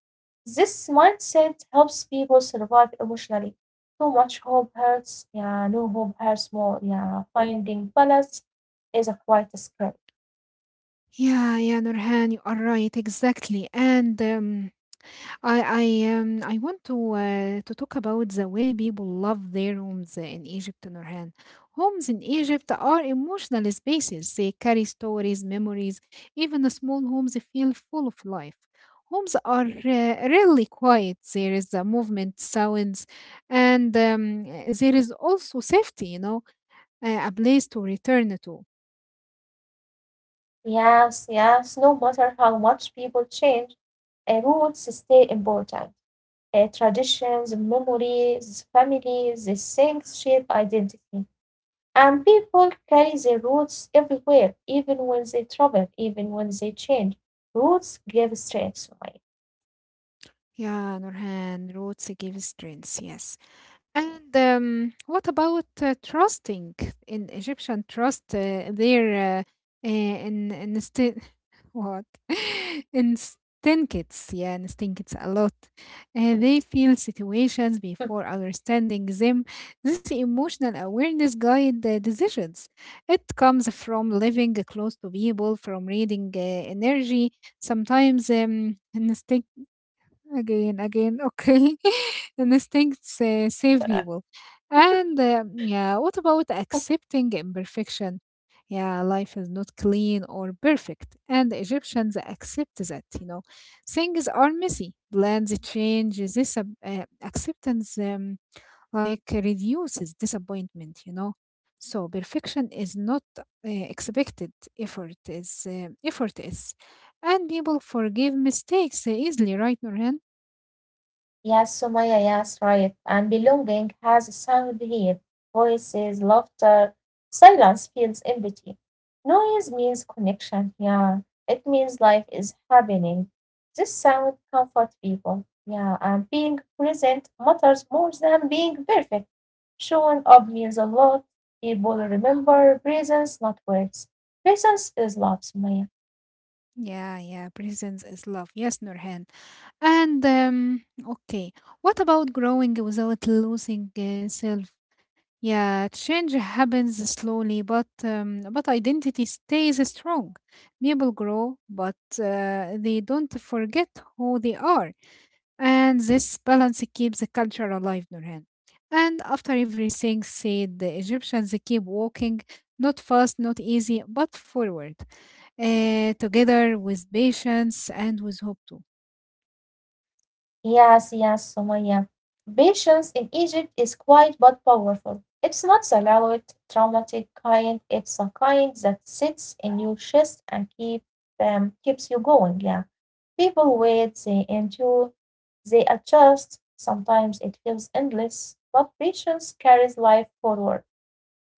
S1: This mindset helps people survive emotionally. Too much hope hurts, yeah, no hope hurts more, yeah. Finding balance is a quiet skill.
S2: Yeah, yeah, Nurhan, you are right, exactly. And I want to talk about the way people love their homes in Egypt, Nurhan. Homes in Egypt are emotional spaces. They carry stories, memories. Even the small homes feel full of life. Homes are really quiet. There is a movement, sounds, and there is also safety. You know, a place to return to.
S1: Yes, yes, no matter how much people change, roots stay important. Traditions, memories, families, these things shape identity. And people carry their roots everywhere, even when they travel, even when they change. Roots give strength,
S2: Yeah, Nurhan, roots give strength. Yes. And what about trusting in Egyptian trust their uh, uh, in sti- [laughs] what [laughs] in stinkits? Yeah, in stinkits a lot. They feel situations before understanding them. This emotional awareness guide the decisions. It comes from living close to people, from reading energy. Sometimes. Again, again, okay. [laughs] The Instincts save
S1: right?
S2: people. And yeah, what about
S1: [laughs]
S2: accepting imperfection? Yeah, life is not clean or perfect, and the Egyptians accept that, you know. Things are messy, plans change, this acceptance like reduces disappointment, you know. So perfection is not expected, effort is, effort is. And people forgive mistakes easily, right, Norhan?
S1: Yes, Sumaya, yes, right. And belonging has a sound here. Voices, laughter, silence feels empty. Noise means connection, yeah. It means life is happening. This sound comforts people, yeah. And being present matters more than being perfect. Showing up means a lot. People remember presence, not words. Presence is love, Sumaya.
S2: Yeah, yeah, presence is love. Yes, Nurhan. And okay, what about growing without losing self? Yeah, change happens slowly, but but identity stays strong. People grow, but they don't forget who they are. And this balance keeps the culture alive, Nurhan. And after everything said, the Egyptians keep walking, not fast, not easy, but forward, together with patience and with hope too.
S1: Yes, yes, Sumaya. Patience in Egypt is quiet but powerful. It's not the loud, traumatic kind, it's a kind that sits in your chest and keeps you going. Yeah. People wait, they endure, they adjust. Sometimes it feels endless, but patience carries life forward.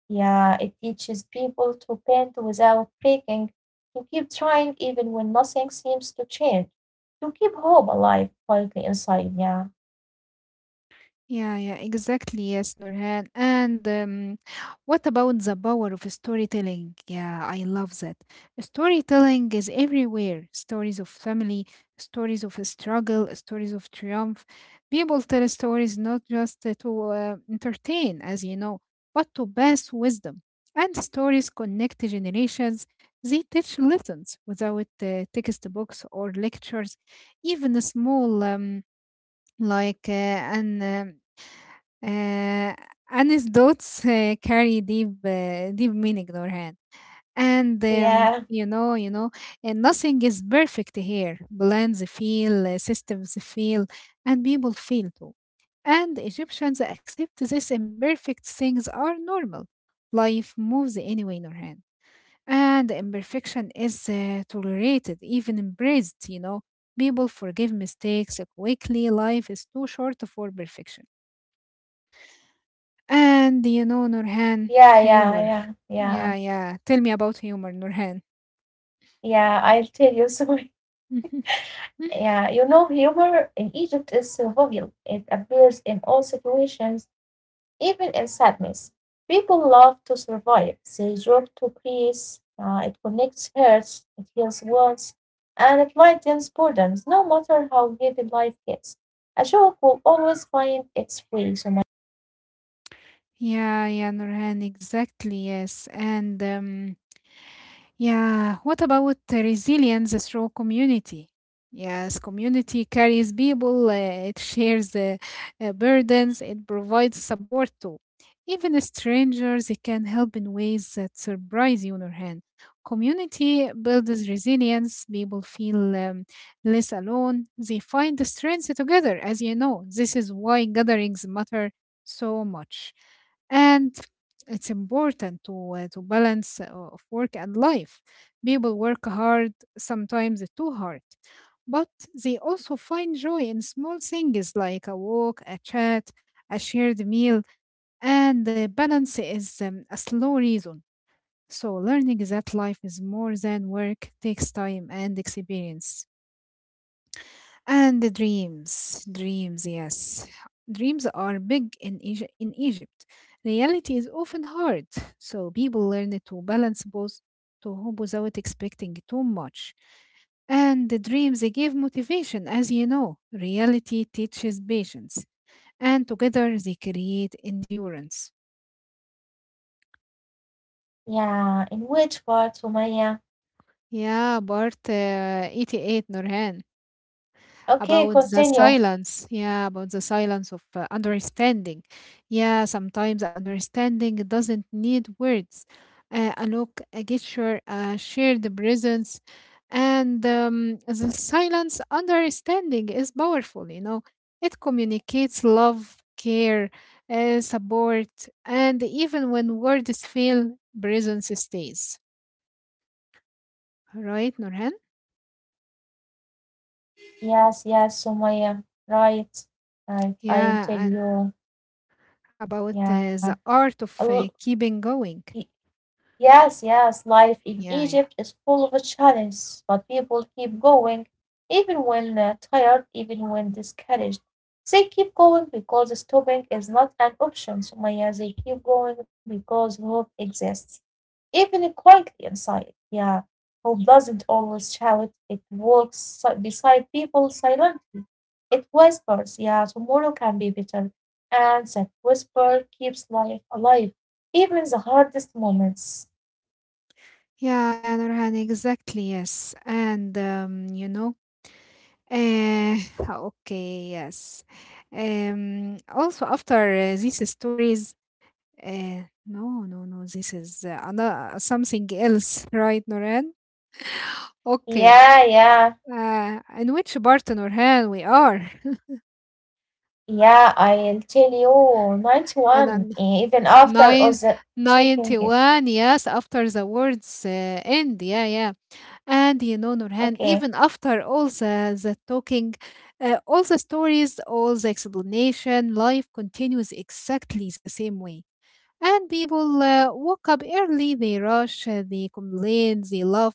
S1: Yeah, it teaches people to bend without breaking, to keep trying even when nothing seems to change, to keep hope alive quietly inside. Yeah.
S2: Yeah, yeah, exactly. Yes, Nurhan. And What about the power of storytelling? Yeah, I love that. Storytelling is everywhere. Stories of family, stories of struggle, stories of triumph. People tell stories not just to entertain, as you know, but to pass wisdom. And stories connect generations. They teach lessons without textbooks or lectures. Even a small like an uh, Anne's dots carry deep meaning, Nurhan. And
S1: Yeah,
S2: you know, And nothing is perfect here. Blends feel, systems feel, and people feel too. And Egyptians accept this imperfect things are normal. Life moves anyway, Nurhan. And imperfection is tolerated, even embraced, you know. People forgive mistakes quickly. Life is too short for perfection. And you know
S1: yeah,
S2: Nurhan,
S1: yeah, yeah,
S2: humor.
S1: yeah,
S2: Yeah, yeah. Tell me about humor, Nurhan.
S1: yeah. I'll tell you. [laughs] So,
S2: [laughs]
S1: yeah, you know, humor in Egypt is jovial. It appears in all situations, even in sadness. People love to survive. They joke to please. It connects hearts. It heals wounds, and it lightens burdens. No matter how heavy life gets, a joke will always find its way. So,
S2: Yeah, yeah, Nurhan, exactly, yes. And Yeah, what about the resilience through community? Yes, community carries people, it shares the burdens, it provides support too. Even strangers, it can help in ways that surprise you, Nurhan. Community builds resilience, people feel less alone, they find the strength together, as you know. This is why gatherings matter so much. And it's important to balance of work and life. People work hard, sometimes too hard, but they also find joy in small things like a walk, a chat, a shared meal, and the balance is a slow reason. So learning that life is more than work takes time and experience. And the dreams, yes. Dreams are big in Egypt. Reality is often hard, so people learn to balance both to hope without expecting too much. And the dreams they give motivation, as you know. Reality teaches patience, and together they create endurance.
S1: yeah. In which part, Sumaya?
S2: Yeah, Bart 88 Nurhan.
S1: Okay,
S2: About the
S1: continue.
S2: silence, yeah, about the silence of understanding, yeah, sometimes understanding doesn't need words, a look, a gesture, a shared presence. And The silence understanding is powerful, you know, it communicates love, care, support, and even when words fail, presence stays, right Nurhan?
S1: Yes, yes, Sumaya. Right, right. I'll
S2: Yeah.
S1: tell
S2: And
S1: you.
S2: about
S1: Yeah.
S2: the art
S1: A
S2: of
S1: l-
S2: keeping going.
S1: y- Yes, yes, life in Egypt
S2: Yeah,
S1: is
S2: yeah.
S1: full of challenges, but people keep going, even when tired, even when discouraged. They keep going because stopping is not an option, Sumaya. They keep going because hope exists, even quietly inside. Yeah, hope doesn't always shout, it walks beside people silently. It whispers, yeah, tomorrow can be better. And that whisper keeps life alive, even the hardest moments.
S2: Yeah, yeah, Nurhan, exactly, yes. Uh, [laughs] okay, yes. Also after these stories, no, no, no, this is something else, [laughs] right, Nurhan? Okay.
S1: Yeah, yeah,
S2: In which part, Nurhan, we are?
S1: yeah. I'll tell you, night
S2: And
S1: one,
S2: then
S1: even after all
S2: nine,
S1: the soaking it.
S2: 91, yes, after the words end, yeah, yeah. And you know,
S1: Okay,
S2: Nurhan, even after all the talking, all the stories, all the explanation, life continues exactly the same way. And people woke up early, they rush, they complain, they laugh,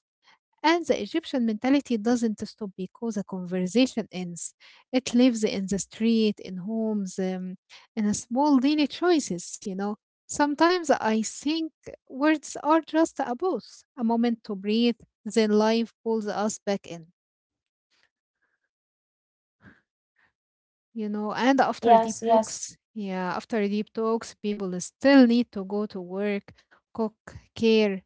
S2: and the Egyptian mentality doesn't stop because a conversation ends. It lives in the street, in homes, in a small daily choices, you know. Sometimes I think words are just a pause, a moment to breathe, then life pulls us back in. You know, and after deep
S1: yes, yes,
S2: talks, yeah, after deep talks people still need to go to work, cook, care,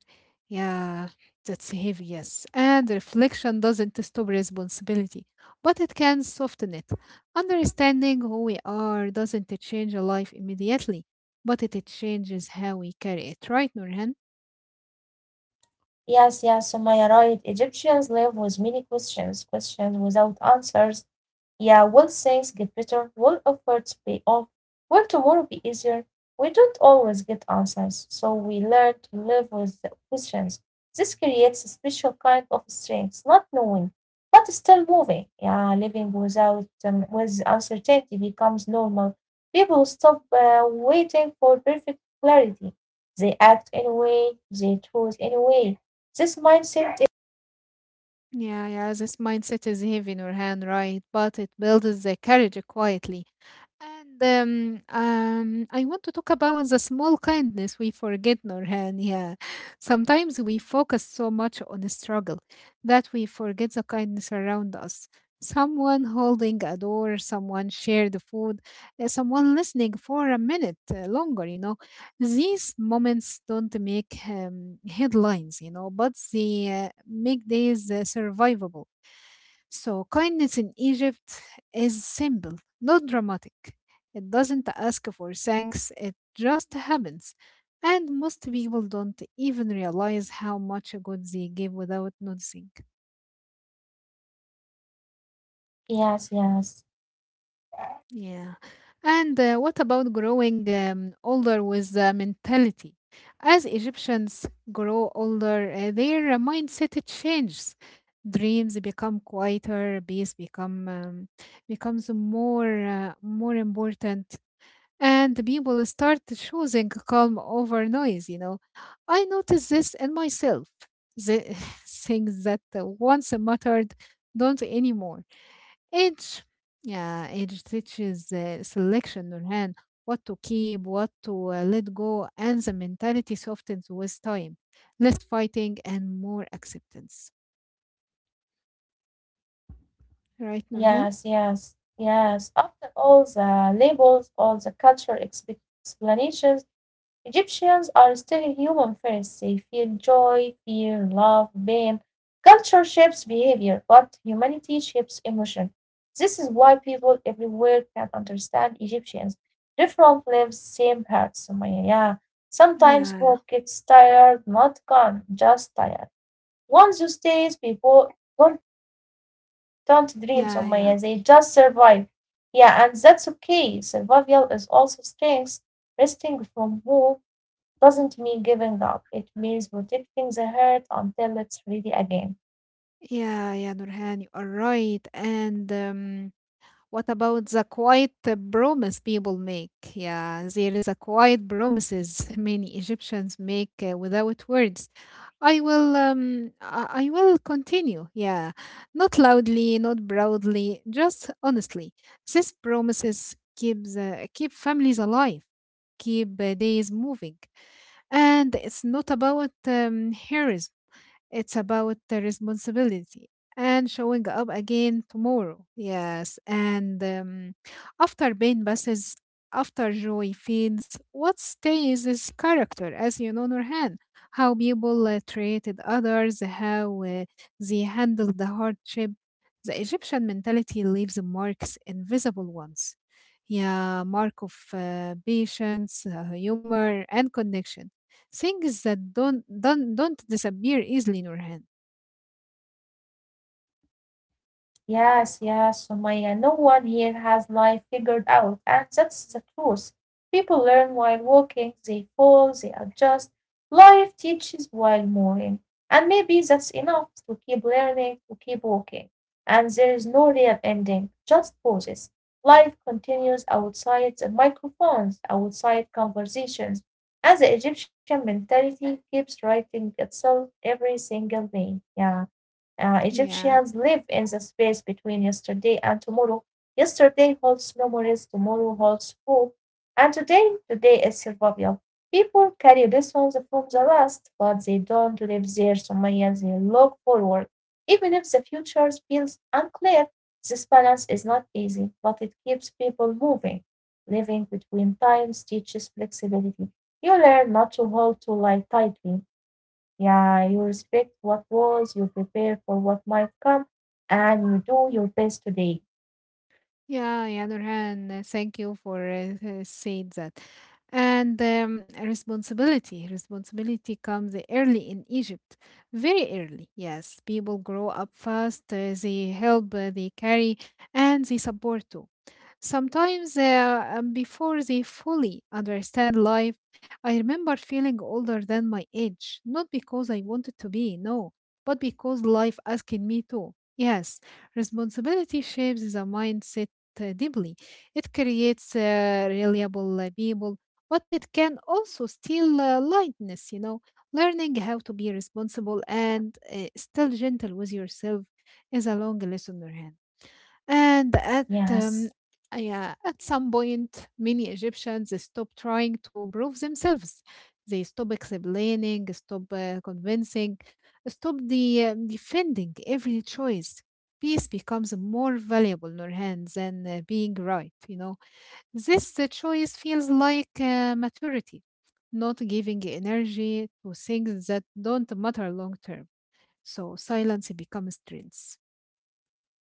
S2: yeah. That's heavy, yes. And reflection doesn't stop responsibility, but it can soften it. Understanding who we are doesn't change a life immediately, but it changes how we carry it, right Nurhan?
S1: yes, yes, Sumaya, right. Egyptians live with many questions, questions without answers. Yeah, will things get better? Will efforts pay off? Will tomorrow be easier? We don't always get answers, so we learn to live with the questions. This creates a special kind of strength, not knowing, but still moving. Yeah, living without with uncertainty becomes normal. People stop waiting for perfect clarity. They act anyway, they choose anyway. This mindset.
S2: Yeah, yeah, this mindset is heavy in your hand, right? But it builds the courage quietly. And I want to talk about the small kindness we forget, Norhan. Yeah, sometimes we focus so much on the struggle that we forget the kindness around us. Someone holding a door, someone shared the food, someone listening for a minute longer. You know, these moments don't make headlines. You know, but they make days survivable. So kindness in Egypt is simple, not dramatic. It doesn't ask for thanks, it just happens. And most people don't even realize how much good they give without noticing.
S1: Yes, yes.
S2: Yeah. And what about growing older with the mentality? As Egyptians grow older, their mindset changes. Dreams become quieter, peace becomes more important, and people start choosing calm over noise, you know. I noticed this in myself. The [laughs] things that once mattered don't anymore. Age, yeah, age teaches selection, Nurhan, what to keep, what to let go, and the mentality softens with time. Less fighting and more acceptance. Right, Nurhan?
S1: Yes, yes, yes. After all the labels, all the cultural explanations, Egyptians are still human first. They feel joy, fear, love, pain. Culture shapes behavior, but humanity shapes emotion. This is why people everywhere can understand Egyptians. Different lives, same hearts. Sumaya, yeah. Sometimes
S2: Yeah,
S1: hope gets tired, not gone, just tired. Once you stays, people don't don't dream,
S2: yeah, yeah.
S1: Sumaya, they just survive. Yeah, and that's okay. Survival is also strength. Resting from war doesn't mean giving up, it means protecting the heart until it's ready again.
S2: Yeah, yeah, Nurhan, you are right. And What about the quiet promise people make? Yeah, there is a quiet promises [laughs] many Egyptians make without words. I will, I will continue. Yeah, not loudly, not proudly, just honestly. These promises keep keep families alive, keep days moving, and it's not about heroism. It's about the responsibility and showing up again tomorrow. Yes. And After pain passes, after joy fades, what stays is character, as you know, Nurhan. How people treated others, how they handled the hardship. The Egyptian mentality leaves marks, invisible ones. Yeah, mark of patience, humor, and connection. Things that don't disappear easily, Nurhan.
S1: Yes, yes, Sumaya. No one here has life figured out, and that's the truth. People learn while walking, they fall, they adjust. Life teaches while moving, and maybe that's enough to keep learning, to keep walking. And there is no real ending, just pauses. Life continues outside the microphones, outside conversations, and the Egyptian mentality keeps writing itself every single day. Yeah. Egyptians
S2: Yeah.
S1: live in the space between yesterday and tomorrow. Yesterday holds memories, tomorrow holds hope, and today, today is survival. People carry lessons from the past, but they don't live there. Sumaya, they look forward. Even if the future feels unclear, this balance is not easy, but it keeps people moving. Living between times teaches flexibility. You learn not to hold to life tightly. Yeah, you respect what was, you prepare for what might come, and you do your best today.
S2: Yeah, yeah, Nurhan, thank you for saying that. And Responsibility. Responsibility comes early in Egypt, very early. Yes, people grow up fast, they help, they carry, and they support too. Sometimes, before they fully understand life, I remember feeling older than my age, not because I wanted to be, no, but because life asked me to. Yes, responsibility shapes the mindset deeply. It creates reliable people, but it can also steal lightness, you know. Learning how to be responsible and still gentle with yourself is a long lesson, Nurhan. And at
S1: Yes.
S2: Yeah, at some point, many Egyptians stopped trying to prove themselves. They stopped explaining, stopped convincing, stopped defending every choice. Peace becomes more valuable, Nurhan, than being right. You know, this choice feels like maturity, not giving energy to things that don't matter long term. So silence becomes threats.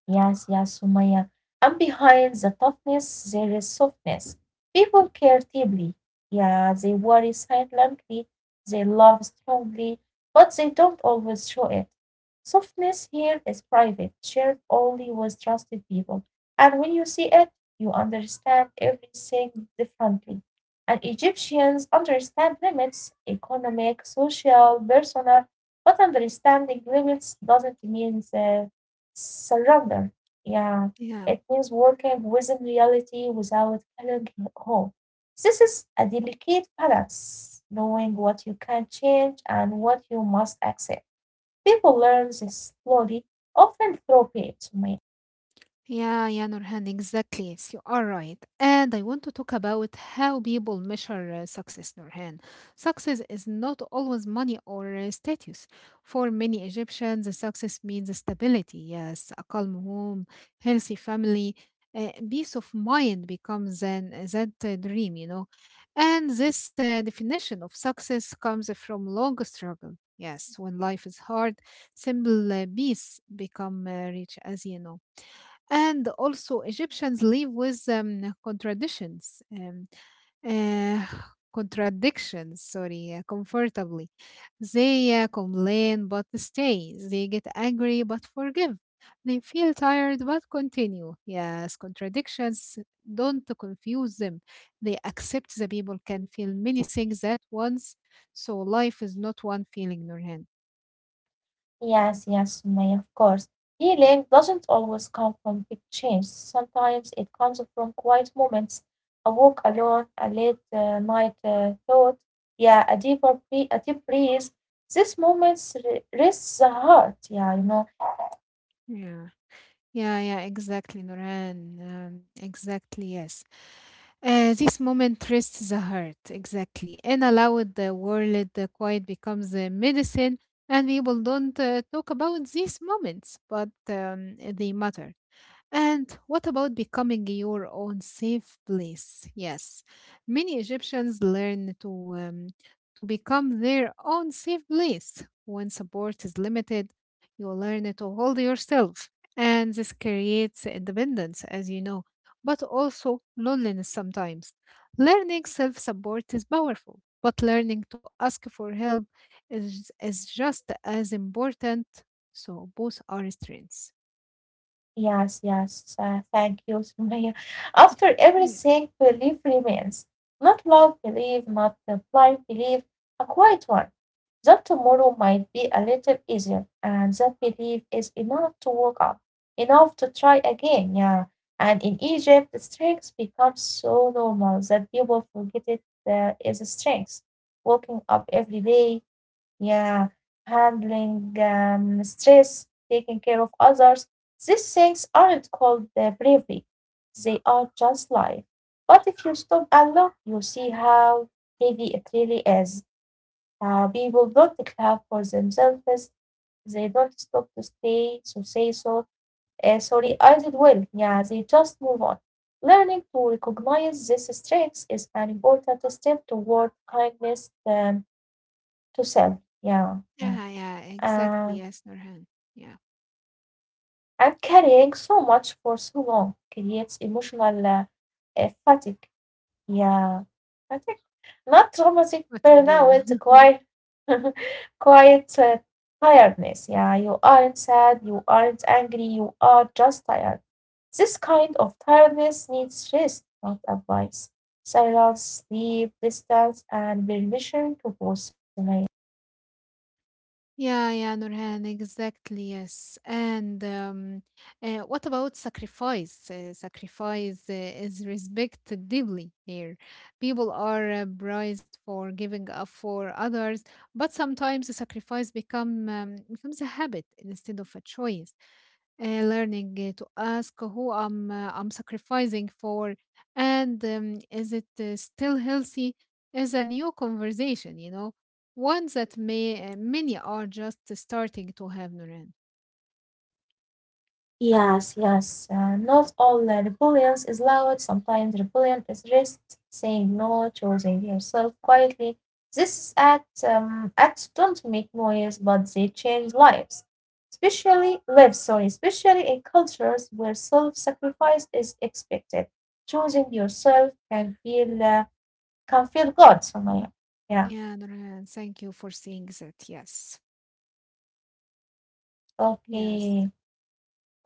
S1: Yes, yes, Sumaya. And behind the toughness, there is softness. People care deeply. Yeah, they worry silently. They love strongly, but they don't always show it. Softness here is private, shared only with trusted people. And when you see it, you understand everything differently. And Egyptians understand limits economic, social, personal, but understanding limits doesn't mean surrender. Yeah,
S2: Yeah.
S1: it means working within reality without killing hope. This is a delicate balance, knowing what you can change and what you must accept. People learn this slowly, often through pain, Sumaya.
S2: Yeah, yeah, Nurhan, exactly. Yes, you are right. And I want to talk about how people measure success, Nurhan. Success is not always money or status. For many Egyptians, success means stability, yes, a calm home, healthy family, peace of mind becomes that dream, you know. And this definition of success comes from long struggle. Yes, when life is hard, simple peace become rich, as you know. And also, Egyptians live with contradictions, uh, [sighs] contradictions, sorry, comfortably. They complain but stay. They get angry but forgive. They feel tired but continue. Yes, contradictions don't confuse them. They accept the people can feel many things at once. So life is not one feeling, Nurhan.
S1: Yes, yes, Sumaya, of course. Healing doesn't always come from big change. Sometimes it comes from quiet moments, a walk alone, a late night thought, yeah, a a deep breath. These rests the heart, yeah, you know,
S2: Yeah. Yeah, yeah, exactly, Noran. Exactly, yes. This moment rests the heart, exactly. And allowed the world, the quiet becomes the medicine, and people don't talk about these moments, but they matter. And what about becoming your own safe place? Yes, many Egyptians learn to become their own safe place. When support is limited, you learn to hold yourself, and this creates independence, as you know, but also loneliness sometimes. Learning self support is powerful, but learning to ask for help is just as important. So, both are strengths.
S1: yes, yes. Thank you, Sumaya. After
S2: Yeah,
S1: everything, belief remains. Not love belief, not the blind belief, a quiet one. That tomorrow might be a little easier, and that belief is enough to wake up, enough to try again. Yeah. And in Egypt, the strength becomes so normal that people forget it is a strength. Waking up every day, yeah, handling stress, taking care of others. These things aren't called bravery, they are just life. But if you stop and look, you see how heavy it really is. People don't clap for themselves, they don't stop to stay, to say so. Sorry, I did well. Yeah, they just move on. Learning to recognize these strengths is an important step toward kindness to self. Yeah, yeah.
S2: yeah, yeah,
S1: Uh,
S2: exactly. Yes, Nurhan. Yeah,
S1: and carrying so much for so long creates emotional fatigue. Yeah, fatigue. Not traumatic
S2: fatigue. Yeah.
S1: burnout,
S2: [laughs]
S1: quite, [laughs] quite tiredness. Yeah, you aren't sad, you aren't angry, you are just tired. This kind of tiredness needs rest, not advice. Silence, sleep, distance, and permission to pause.
S2: Yeah, yeah, Nurhan, exactly, yes. And What about sacrifice? Sacrifice is respected deeply here. People are prized for giving up for others, but sometimes the sacrifice becomes a habit instead of a choice. Learning to ask who I'm sacrificing for, and is it still healthy? Is a new conversation, you know, one that may many are just starting to have, Nuran.
S1: Yes, yes. Not all rebellions is loud. Sometimes rebellion is rest, saying no, choosing yourself quietly. These acts, acts don't make noise, but they change lives. Especially lives, sorry, especially in cultures where self-sacrifice is expected. Choosing yourself can feel good, Somaya. Yeah.
S2: Yeah, Nuran, thank you for saying that. Yes, yes,
S1: Okay.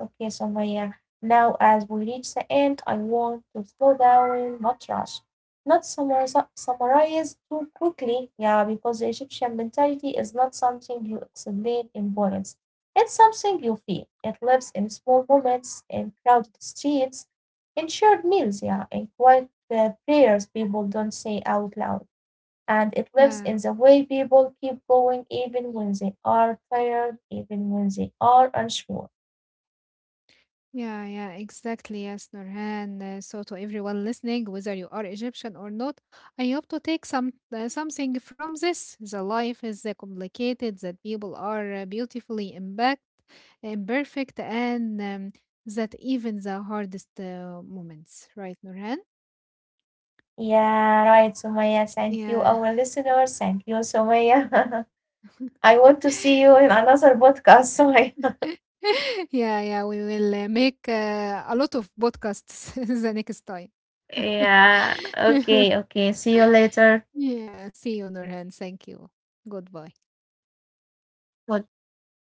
S1: Okay, so Maya, now as we reach the end, I want to slow down, not rush, not summarize, summarize too quickly. Yeah, because the Egyptian mentality is not something you explain in poems. It's something you feel. It lives in small moments, in crowded streets, in shared meals, yeah, in quiet prayers people don't say out loud. And it lives
S2: yeah.
S1: in the way people keep going even when they are tired, even when they are unsure.
S2: Yeah, yeah, exactly. Yes, Nurhan. So, to everyone listening, whether you are Egyptian or not, I hope to take some something from this. The life is complicated. That people are beautifully imperfect, and that even the hardest moments, right, Nurhan?
S1: Yeah, right, Sumaya. Thank you,
S2: Yeah.
S1: our listeners. Thank you, Sumaya. [laughs] I want to see you in another podcast, Sumaya. [laughs]
S2: [laughs] Yeah, yeah. We will make a lot of podcasts [laughs] the next time.
S1: Yeah,
S2: [laughs]
S1: okay, okay. See you later.
S2: Yeah. See you, Nurhan. Thank you. Goodbye.
S1: Goodbye.